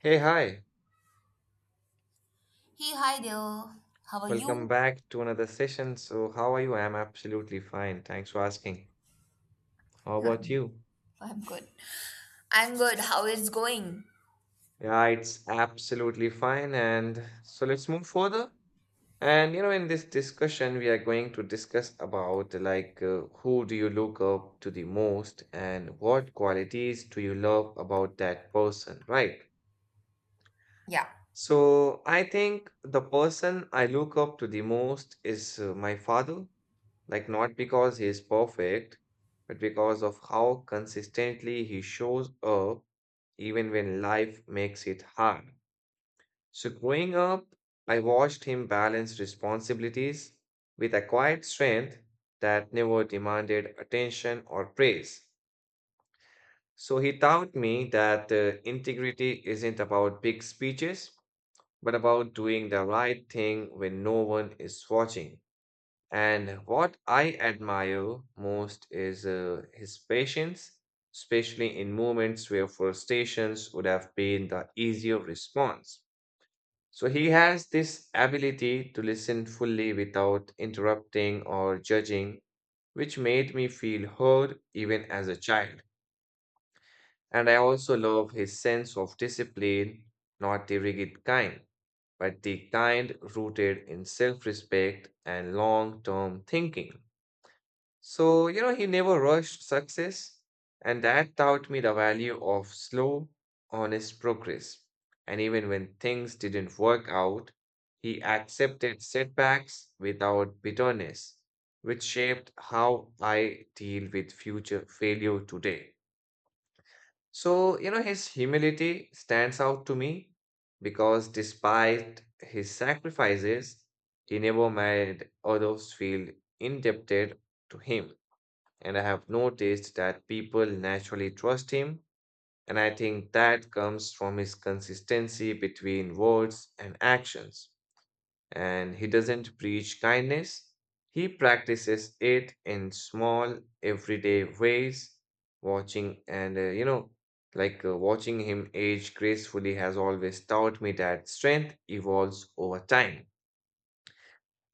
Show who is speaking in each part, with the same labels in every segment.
Speaker 1: Hey, hi.
Speaker 2: Hey, hi there. How are
Speaker 1: Welcome
Speaker 2: you?
Speaker 1: back to another session. So, how are you? I'm absolutely fine. Thanks for asking. How
Speaker 2: Huh.
Speaker 1: about you?
Speaker 2: I'm good. I'm good. How is going?
Speaker 1: Yeah, it's absolutely fine. And so let's move further. And you know, in this discussion, we are going to discuss about who do you look up to the most and what qualities do you love about that person, right?
Speaker 2: Yeah,
Speaker 1: So, I think the person I look up to the most is my father. Like, not because he is perfect, but because of how consistently he shows up, even when life makes it hard. So, growing up, I watched him balance responsibilities with a quiet strength that never demanded attention or praise. So, he taught me that integrity isn't about big speeches, but about doing the right thing when no one is watching. And what I admire most is his patience, especially in moments where frustrations would have been the easier response. So he has this ability to listen fully without interrupting or judging, which made me feel heard even as a child. And I also love his sense of discipline, not the rigid kind, but the kind rooted in self respect and long term thinking. So, you know, he never rushed success, and that taught me the value of slow, honest progress. And even when things didn't work out, he accepted setbacks without bitterness, which shaped how I deal with future failure today. So, you know, his humility stands out to me because despite his sacrifices, he never made others feel indebted to him. And I have noticed that people naturally trust him, and I think that comes from his consistency between words and actions. And he doesn't preach kindness, he practices it in small, everyday ways. Watching and, you know, like watching him age gracefully has always taught me that strength evolves over time.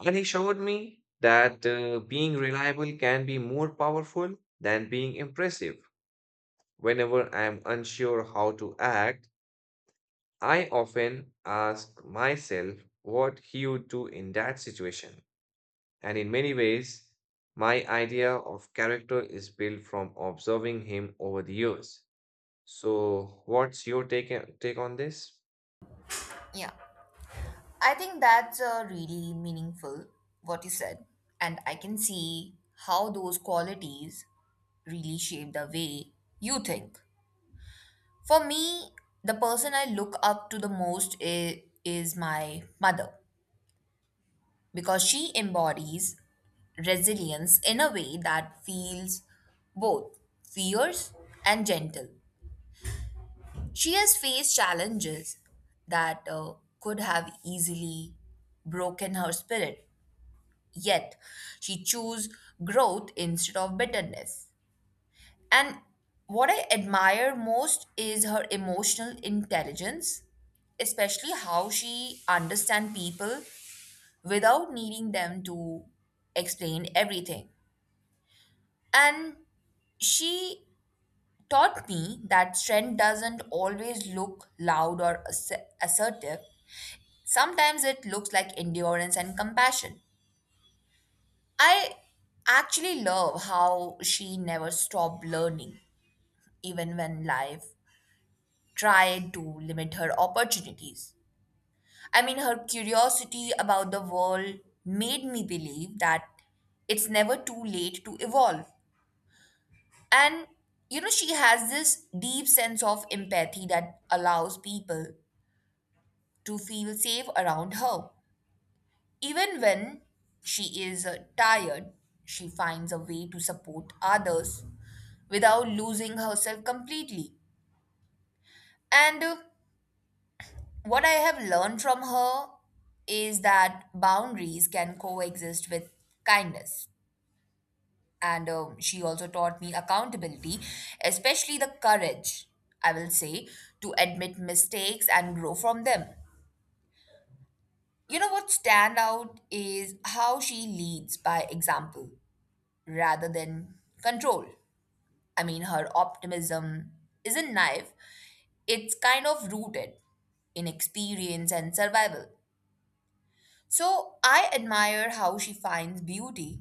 Speaker 1: And he showed me that being reliable can be more powerful than being impressive. Whenever I am unsure how to act, I often ask myself what he would do in that situation. And in many ways, my idea of character is built from observing him over the years. So, what's your take on this?
Speaker 2: yeah, I think that's really meaningful what you said, and I can see how those qualities really shape the way you think. For me, the person I look up to the most is my mother because she embodies resilience in a way that feels both fierce and gentle. She has faced challenges that could have easily broken her spirit, yet she chose growth instead of bitterness. And what I admire most is her emotional intelligence, especially how she understands people without needing them to explain everything. And she taught me that strength doesn't always look loud or assertive. Sometimes it looks like endurance and compassion. I actually love how she never stopped learning, even when life tried to limit her opportunities. I mean, her curiosity about the world made me believe that it's never too late to evolve. And, she has this deep sense of empathy that allows people to feel safe around her. Even when she is tired, she finds a way to support others without losing herself completely. And what I have learned from her is that boundaries can coexist with kindness. And she also taught me accountability, especially the courage, I will say, to admit mistakes and grow from them. You know what stand out is how she leads by example rather than control. I mean, her optimism isn't naive, it's kind of rooted in experience and survival. So I admire how she finds beauty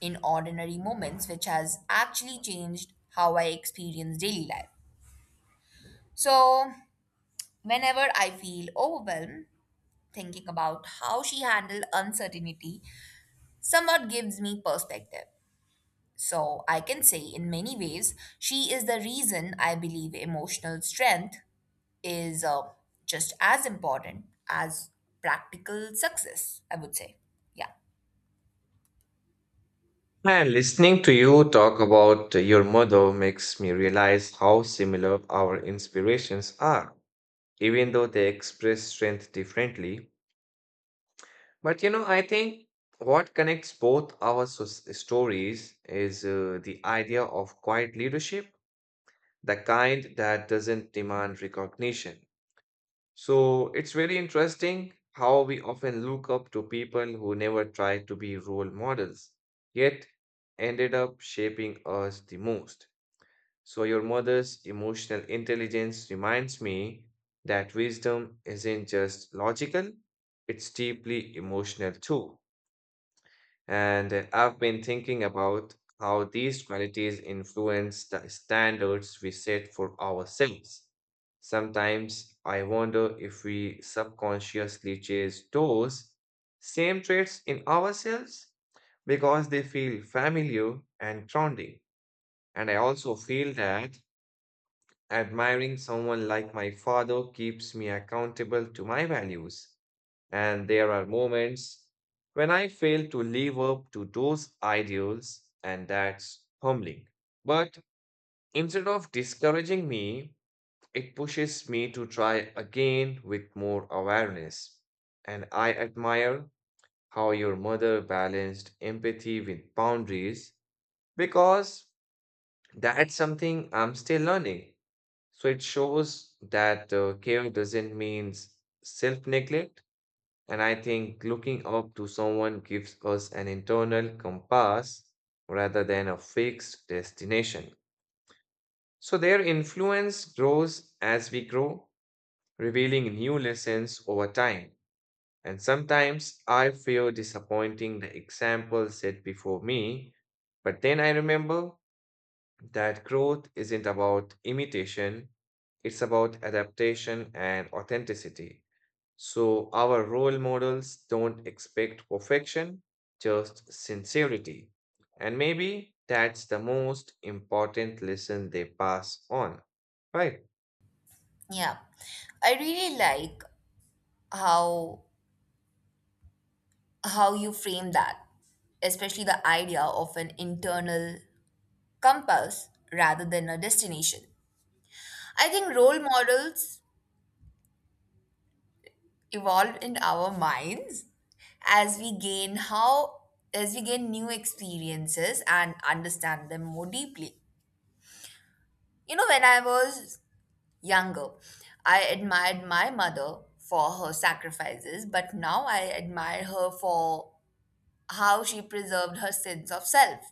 Speaker 2: in ordinary moments, which has actually changed how I experience daily life. So, whenever I feel overwhelmed, thinking about how she handled uncertainty somewhat gives me perspective. So I can say, in many ways, she is the reason I believe emotional strength is just as important as practical success, I would say. Yeah.
Speaker 1: And listening to you talk about your mother makes me realize how similar our inspirations are, even though they express strength differently. But you know, I think what connects both our stories is the idea of quiet leadership, the kind that doesn't demand recognition. So it's very interesting how we often look up to people who never tried to be role models, yet ended up shaping us the most. So your mother's emotional intelligence reminds me that wisdom isn't just logical, it's deeply emotional too. And I've been thinking about how these qualities influence the standards we set for ourselves. Sometimes I wonder if we subconsciously chase those same traits in ourselves because they feel familiar and grounding. And I also feel that admiring someone like my father keeps me accountable to my values. And there are moments when I fail to live up to those ideals, and that's humbling. But instead of discouraging me, it pushes me to try again with more awareness. And I admire how your mother balanced empathy with boundaries because that's something I'm still learning. So it shows that care doesn't mean self neglect, and I think looking up to someone gives us an internal compass rather than a fixed destination. So their influence grows as we grow, revealing new lessons over time. And sometimes I fear disappointing the example set before me, but then I remember that growth isn't about imitation, it's about adaptation and authenticity. So our role models don't expect perfection, just sincerity. And maybe that's the most important lesson they pass on. Right.
Speaker 2: Yeah. I really like how how you frame that, especially the idea of an internal compass rather than a destination. I think role models evolve in our minds as we gain how as we gain new experiences and understand them more deeply. You know, when I was younger, I admired my mother for her sacrifices, but now I admire her for how she preserved her sense of self.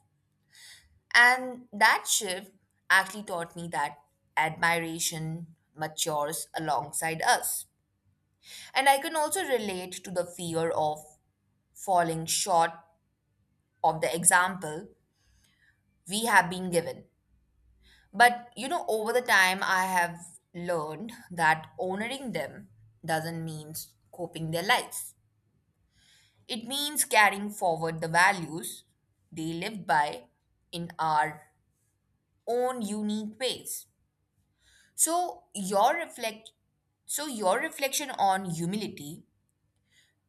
Speaker 2: And that shift actually taught me that admiration matures alongside us. And I can also relate to the fear of falling short of the example we have been given. But you know, over the time, I have learned that honoring them doesn't mean coping their lives. It means carrying forward the values they lived by in our own unique ways. So your reflect so your reflection on humility,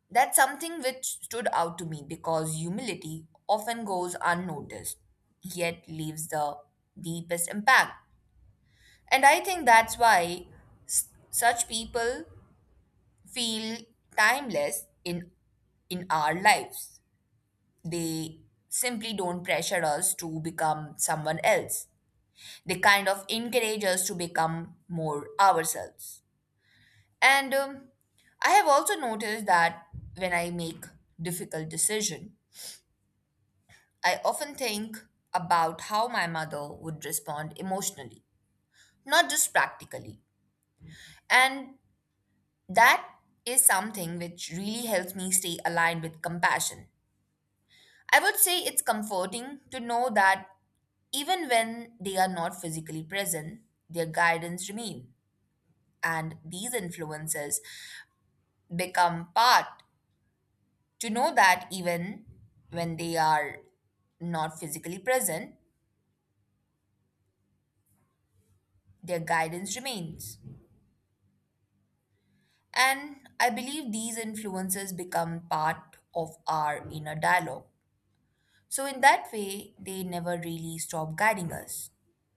Speaker 2: that's something which stood out to me because humility often goes unnoticed, yet leaves the deepest impact. And I think that's why such people feel timeless in our lives. They simply don't pressure us to become someone else. They kind of encourage us to become more ourselves. And I have also noticed that when I make difficult decision, I often think about how my mother would respond emotionally, not just practically. And that is something which really helps me stay aligned with compassion. I would say it's comforting to know that even when they are not physically present, their guidance remain and these influences become part to know that even when they are not physically present, their guidance remains. And I believe these influences become part of our inner dialogue. So in that way, they never really stop guiding us.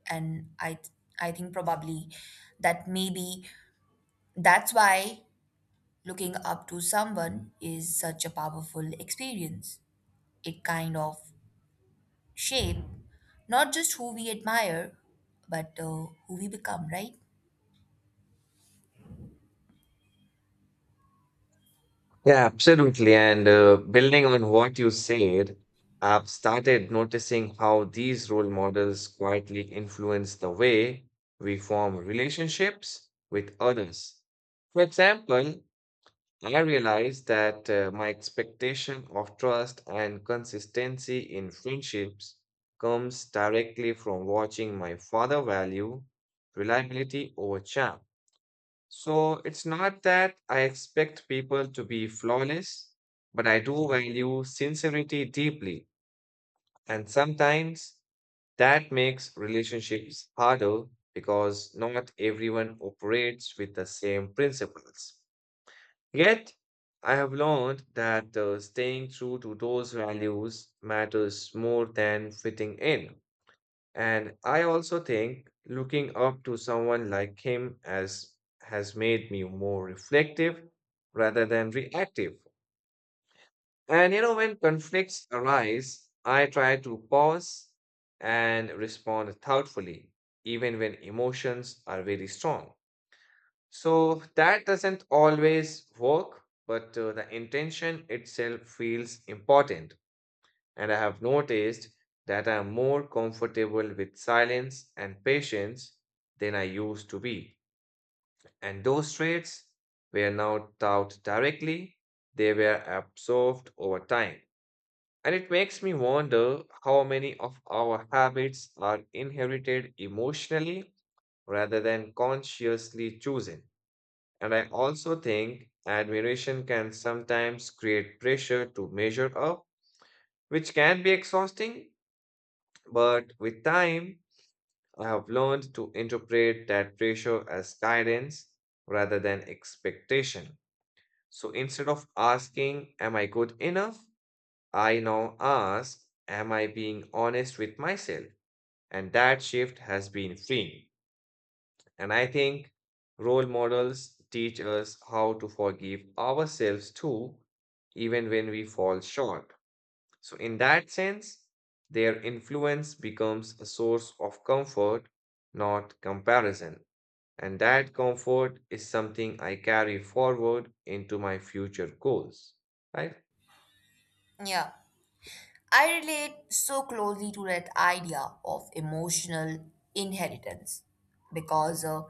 Speaker 2: And I th- I think probably that maybe that's why looking up to someone is such a powerful experience. It kind of shape not just who we admire, but who we become, right?
Speaker 1: Yeah, absolutely. And building on what you said, I've started noticing how these role models quietly influence the way we form relationships with others. For example, I realized that my expectation of trust and consistency in friendships comes directly from watching my father value reliability over charm. So it's not that I expect people to be flawless, but I do value sincerity deeply. And sometimes that makes relationships harder because not everyone operates with the same principles. Yet, I have learned that staying true to those values matters more than fitting in. And I also think looking up to someone like him as has made me more reflective rather than reactive. And you know, when conflicts arise, I try to pause and respond thoughtfully, even when emotions are very strong. So that doesn't always work, but the intention itself feels important. And I have noticed that I'm more comfortable with silence and patience than I used to be. And those traits were not taught directly, they were absorbed over time. And it makes me wonder how many of our habits are inherited emotionally rather than consciously chosen. And I also think admiration can sometimes create pressure to measure up, which can be exhausting. But with time, I have learned to interpret that pressure as guidance rather than expectation. So instead of asking, am I good enough? I now ask, am I being honest with myself? And that shift has been freeing. And I think role models teach us how to forgive ourselves too, even when we fall short. So, in that sense, their influence becomes a source of comfort, not comparison. And that comfort is something I carry forward into my future goals. Right?
Speaker 2: Yeah. I relate so closely to that idea of emotional inheritance because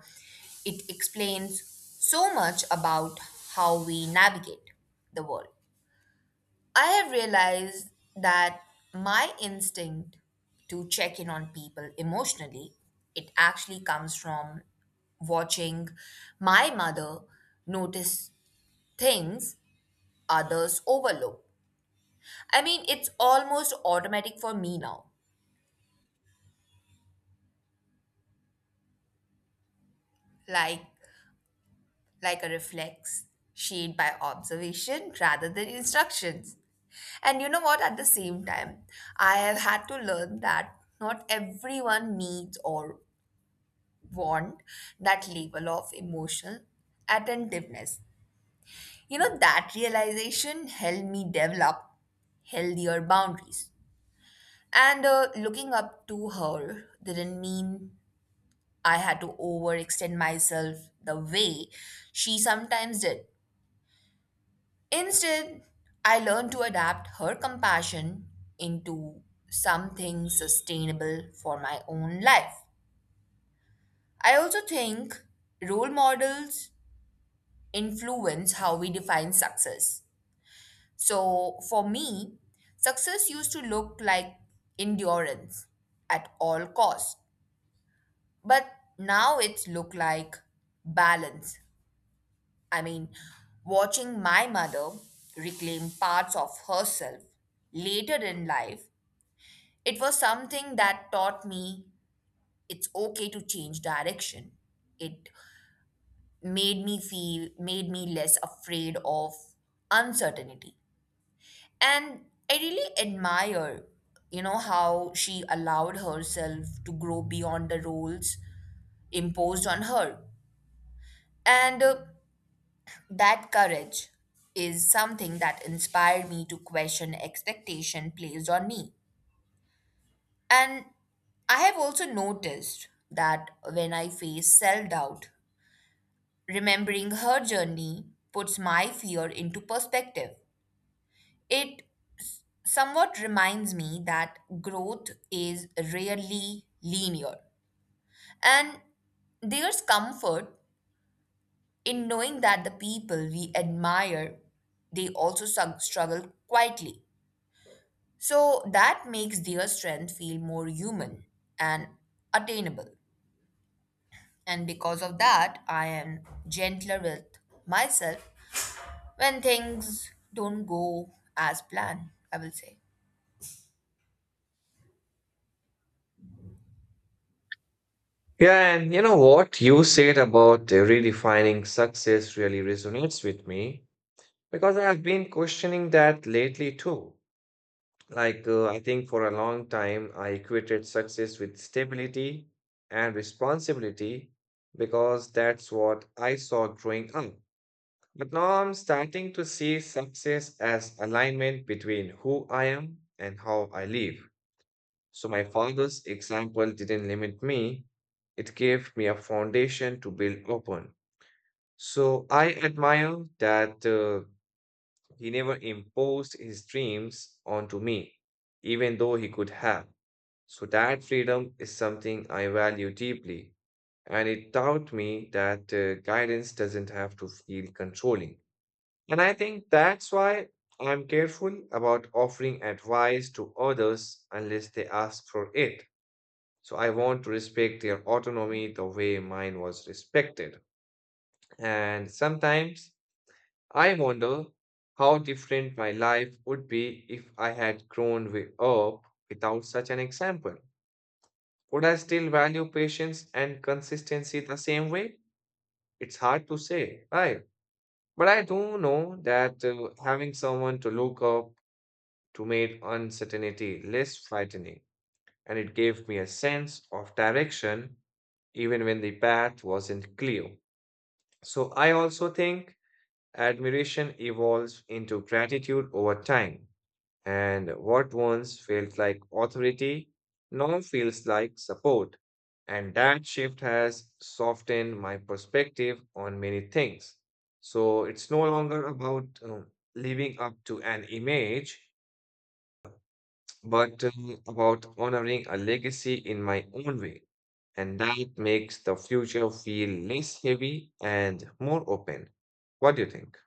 Speaker 2: it explains so much about how we navigate the world. I have realized that my instinct to check in on people emotionally, it actually comes from watching my mother notice things others overlook. I mean, it's almost automatic for me now, like like a reflex shaped by observation rather than instructions. And you know what, at the same time, I have had to learn that not everyone needs or want that level of emotional attentiveness. You know, that realization helped me develop healthier boundaries. And looking up to her didn't mean I had to overextend myself the way she sometimes did. Instead, I learned to adapt her compassion into something sustainable for my own life. I also think role models influence how we define success. So, for me, success used to look like endurance at all costs, but now it's look like balance. I mean, watching my mother reclaim parts of herself later in life, it was something that taught me it's okay to change direction. It made me less afraid of uncertainty. And I really admire, you know, how she allowed herself to grow beyond the roles imposed on her. And that courage is something that inspired me to question expectation placed on me. And I have also noticed that when I face self doubt, remembering her journey puts my fear into perspective. It somewhat reminds me that growth is rarely linear. And there's comfort in knowing that the people we admire, they also struggle quietly. So that makes their strength feel more human and attainable. And because of that, I am gentler with myself when things don't go as planned, I will say.
Speaker 1: Yeah, and you know what you said about redefining success really resonates with me because I have been questioning that lately too. I think for a long time, I equated success with stability and responsibility because that's what I saw growing up. But now I'm starting to see success as alignment between who I am and how I live. So my father's example didn't limit me, it gave me a foundation to build upon. So I admire that he never imposed his dreams onto me, even though he could have. So that freedom is something I value deeply, and it taught me that guidance doesn't have to feel controlling. And I think that's why I'm careful about offering advice to others unless they ask for it. So I want to respect their autonomy the way mine was respected. And sometimes I wonder how different my life would be if I had grown way up without such an example. Would I still value patience and consistency the same way? It's hard to say, right? But I do know that having someone to look up to made uncertainty less frightening, and it gave me a sense of direction even when the path wasn't clear. So I also think admiration evolves into gratitude over time. And what once felt like authority now feels like support. And that shift has softened my perspective on many things. So it's no longer about living up to an image, but about honoring a legacy in my own way. And that makes the future feel less heavy and more open. What do you think?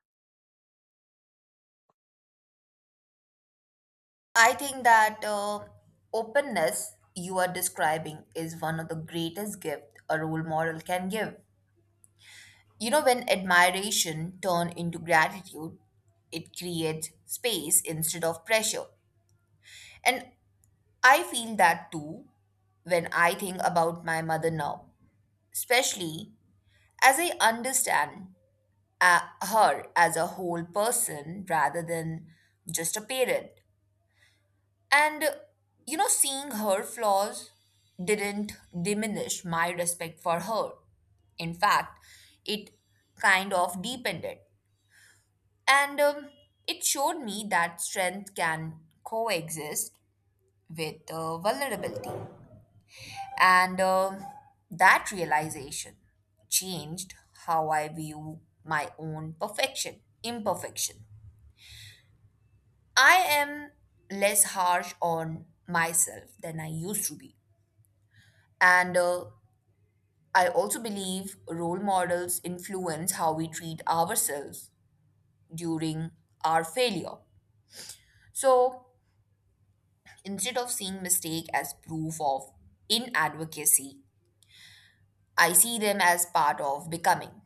Speaker 2: I think that openness you are describing is one of the greatest gifts a role model can give. You know, when admiration turn into gratitude, it creates space instead of pressure. And I feel that too when I think about my mother now, especially as I understand her as a whole person rather than just a parent. And, uh, you know, seeing her flaws didn't diminish my respect for her. In fact, it kind of deepened it. And it showed me that strength can coexist with vulnerability. And that realization changed how I view my own imperfection. I am less harsh on myself than I used to be. And I also believe role models influence how we treat ourselves during our failure. So instead of seeing mistake as proof of inadvocacy, I see them as part of becoming.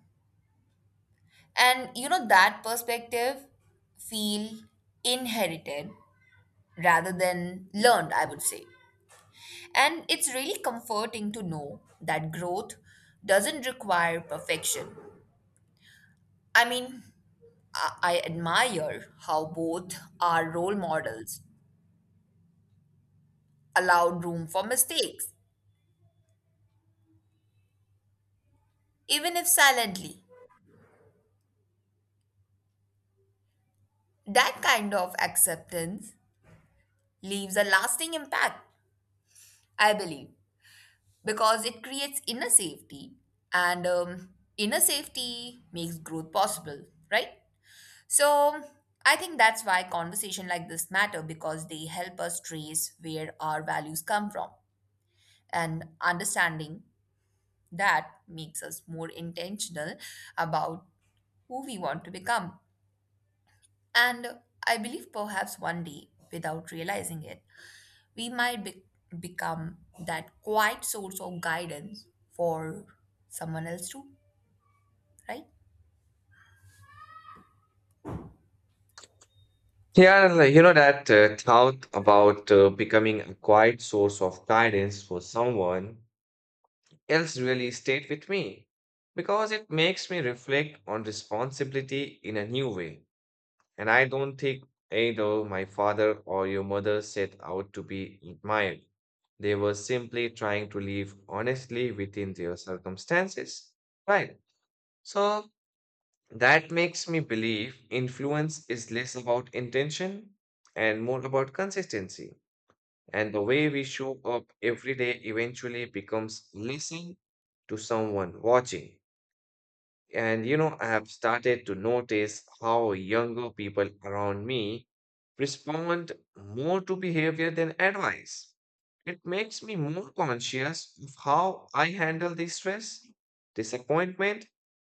Speaker 2: And you know, that perspective feel inherited rather than learned, I would say. And it's really comforting to know that growth doesn't require perfection. I mean, I admire how both our role models allowed room for mistakes, even if silently. That kind of acceptance leaves a lasting impact, I believe, because it creates inner safety, and inner safety makes growth possible, right? So I think that's why conversation like this matter, because they help us trace where our values come from, and understanding that makes us more intentional about who we want to become. And I believe perhaps one day without realizing it, we become that quiet source of guidance for someone else too, right?
Speaker 1: Yeah, like, you know that thought about becoming a quiet source of guidance for someone else really stayed with me because it makes me reflect on responsibility in a new way. And I don't think either my father or your mother set out to be admired. They were simply trying to live honestly within their circumstances. Right. So that makes me believe influence is less about intention and more about consistency. And the way we show up every day eventually becomes listening to someone watching. And you know, I have started to notice how younger people around me respond more to behavior than advice. It makes me more conscious of how I handle the stress, disappointment,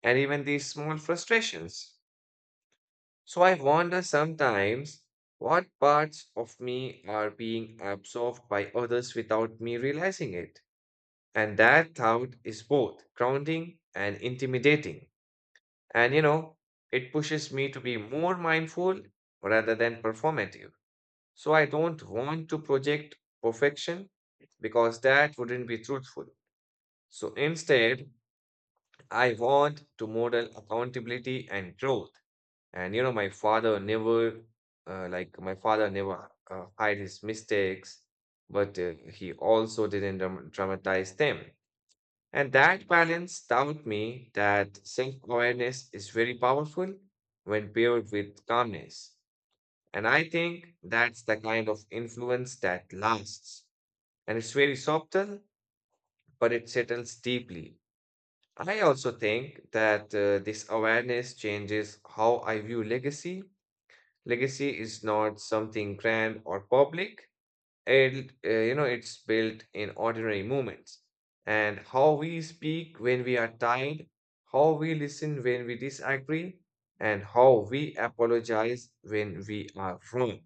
Speaker 1: and even these small frustrations. So I wonder sometimes what parts of me are being absorbed by others without me realizing it. And that thought is both grounding and intimidating. And you know, it pushes me to be more mindful rather than performative. So I don't want to project perfection because that wouldn't be truthful. So instead, I want to model accountability and growth. And you know, my father never like my father never hide his mistakes, but he also didn't dramatize them. And that balance taught me that self-awareness is very powerful when paired with calmness. And I think that's the kind of influence that lasts, and it's very subtle, but it settles deeply. I also think that this awareness changes how I view legacy. Legacy is not something grand or public. It, you know, it's built in ordinary moments. And how we speak when we are tired, how we listen when we disagree, and how we apologize when we are wrong.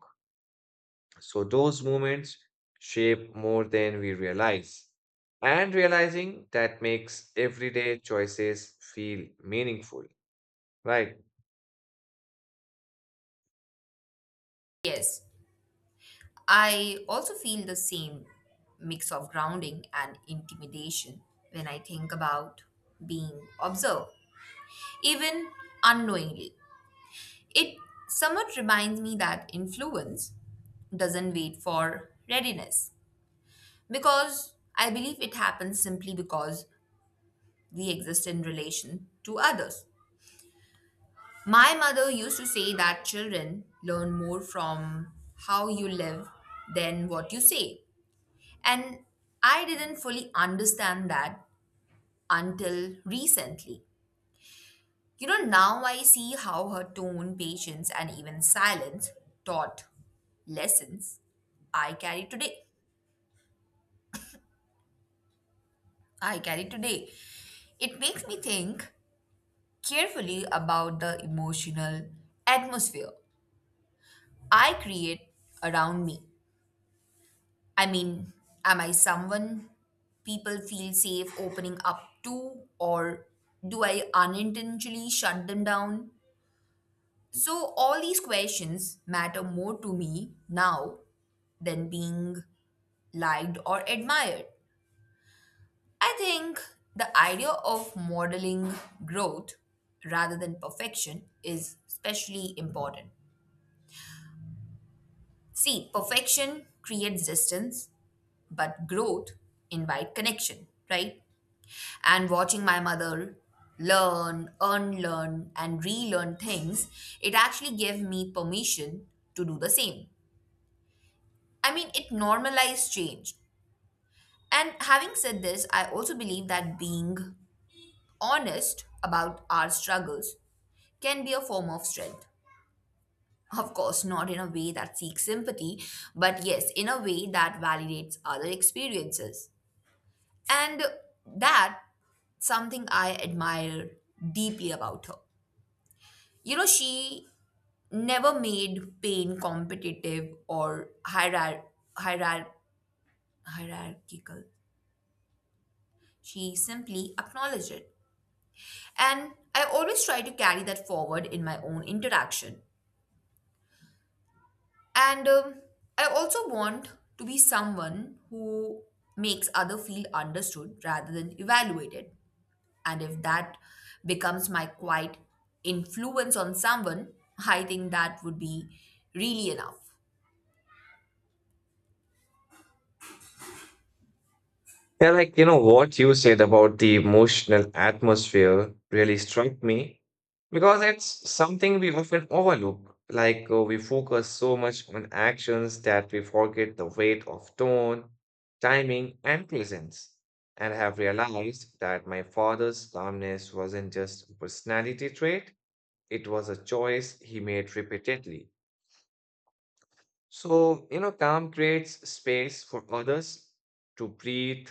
Speaker 1: So those moments shape more than we realize. And realizing that makes everyday choices feel meaningful, right?
Speaker 2: Yes, I also feel the same mix of grounding and intimidation when I think about being observed, even unknowingly. It somewhat reminds me that influence doesn't wait for readiness, because I believe it happens simply because we exist in relation to others. My mother used to say that children learn more from how you live than what you say. And I didn't fully understand that until recently. You know, now I see how her tone, patience, and even silence taught lessons I carry today. I carry today. It makes me think carefully about the emotional atmosphere I create around me. I mean, am I someone people feel safe opening up to, or do I unintentionally shut them down? So, all these questions matter more to me now than being liked or admired. I think the idea of modeling growth rather than perfection is especially important. See, perfection creates distance, but growth invites connection, right? And watching my mother learn, unlearn, and relearn things, it actually gave me permission to do the same. I mean, it normalized change. And having said this, I also believe that being honest about our struggles can be a form of strength. Of course, not in a way that seeks sympathy, but yes, in a way that validates other experiences. And that something I admire deeply about her. You know, she never made pain competitive or hierar- hierarchical. She simply acknowledged it. And I always try to carry that forward in my own interaction. And I also want to be someone who makes other feel understood rather than evaluated. And if that becomes my quiet influence on someone, I think that would be really enough.
Speaker 1: Yeah, like you know what you said about the emotional atmosphere really struck me because it's something we often overlook. We focus so much on actions that we forget the weight of tone, timing, and presence. And I have realized that my father's calmness wasn't just a personality trait, it was a choice he made repeatedly. So, you know, calm creates space for others to breathe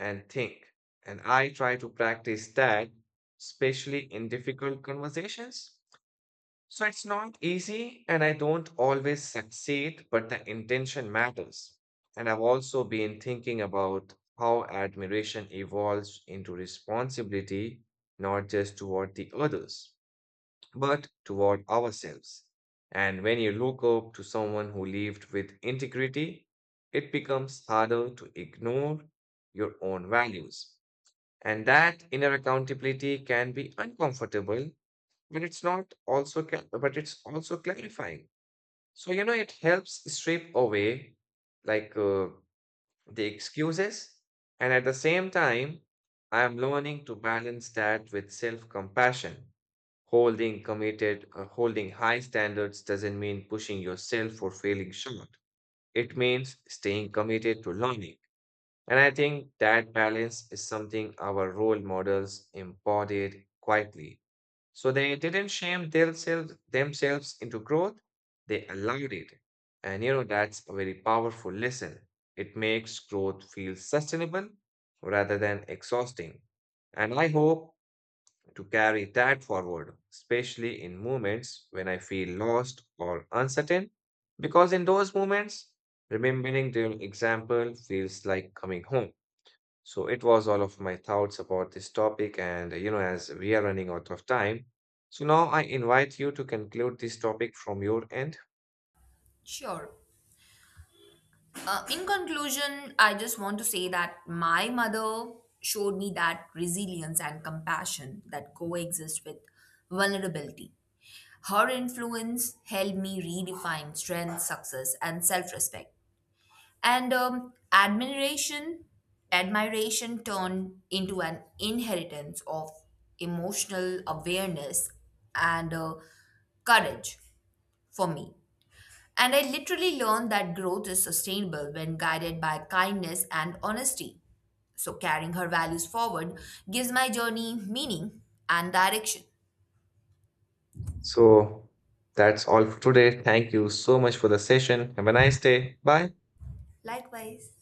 Speaker 1: and think. And I try to practice that, especially in difficult conversations. So it's not easy, and I don't always succeed, but the intention matters. And I've also been thinking about how admiration evolves into responsibility, not just toward the others but toward ourselves. And when you look up to someone who lived with integrity, it becomes harder to ignore your own values. And that inner accountability can be uncomfortable, but it's not also ca- but it's also clarifying. So you know it helps strip away like uh, the excuses, and at the same time, I am learning to balance that with self-compassion. Holding high standards doesn't mean pushing yourself or failing short. It means staying committed to learning. And I think that balance is something our role models embodied quietly. So they didn't shame themselves into growth, they allowed it. And you know, that's a very powerful lesson. It makes growth feel sustainable rather than exhausting. And I hope to carry that forward, especially in moments when I feel lost or uncertain. Because in those moments, remembering their example feels like coming home. So it was all of my thoughts about this topic, and you know, as we are running out of time, so now I invite you to conclude this topic from your end.
Speaker 2: Sure. In conclusion, I just want to say that my mother showed me that resilience and compassion that coexist with vulnerability. Her influence helped me redefine strength, success, and self-respect. And admiration turned into an inheritance of emotional awareness and courage for me. And I literally learned that growth is sustainable when guided by kindness and honesty. So, carrying her values forward gives my journey meaning and direction.
Speaker 1: So that's all for today. Thank you so much for the session. Have a nice day. Bye.
Speaker 2: Likewise.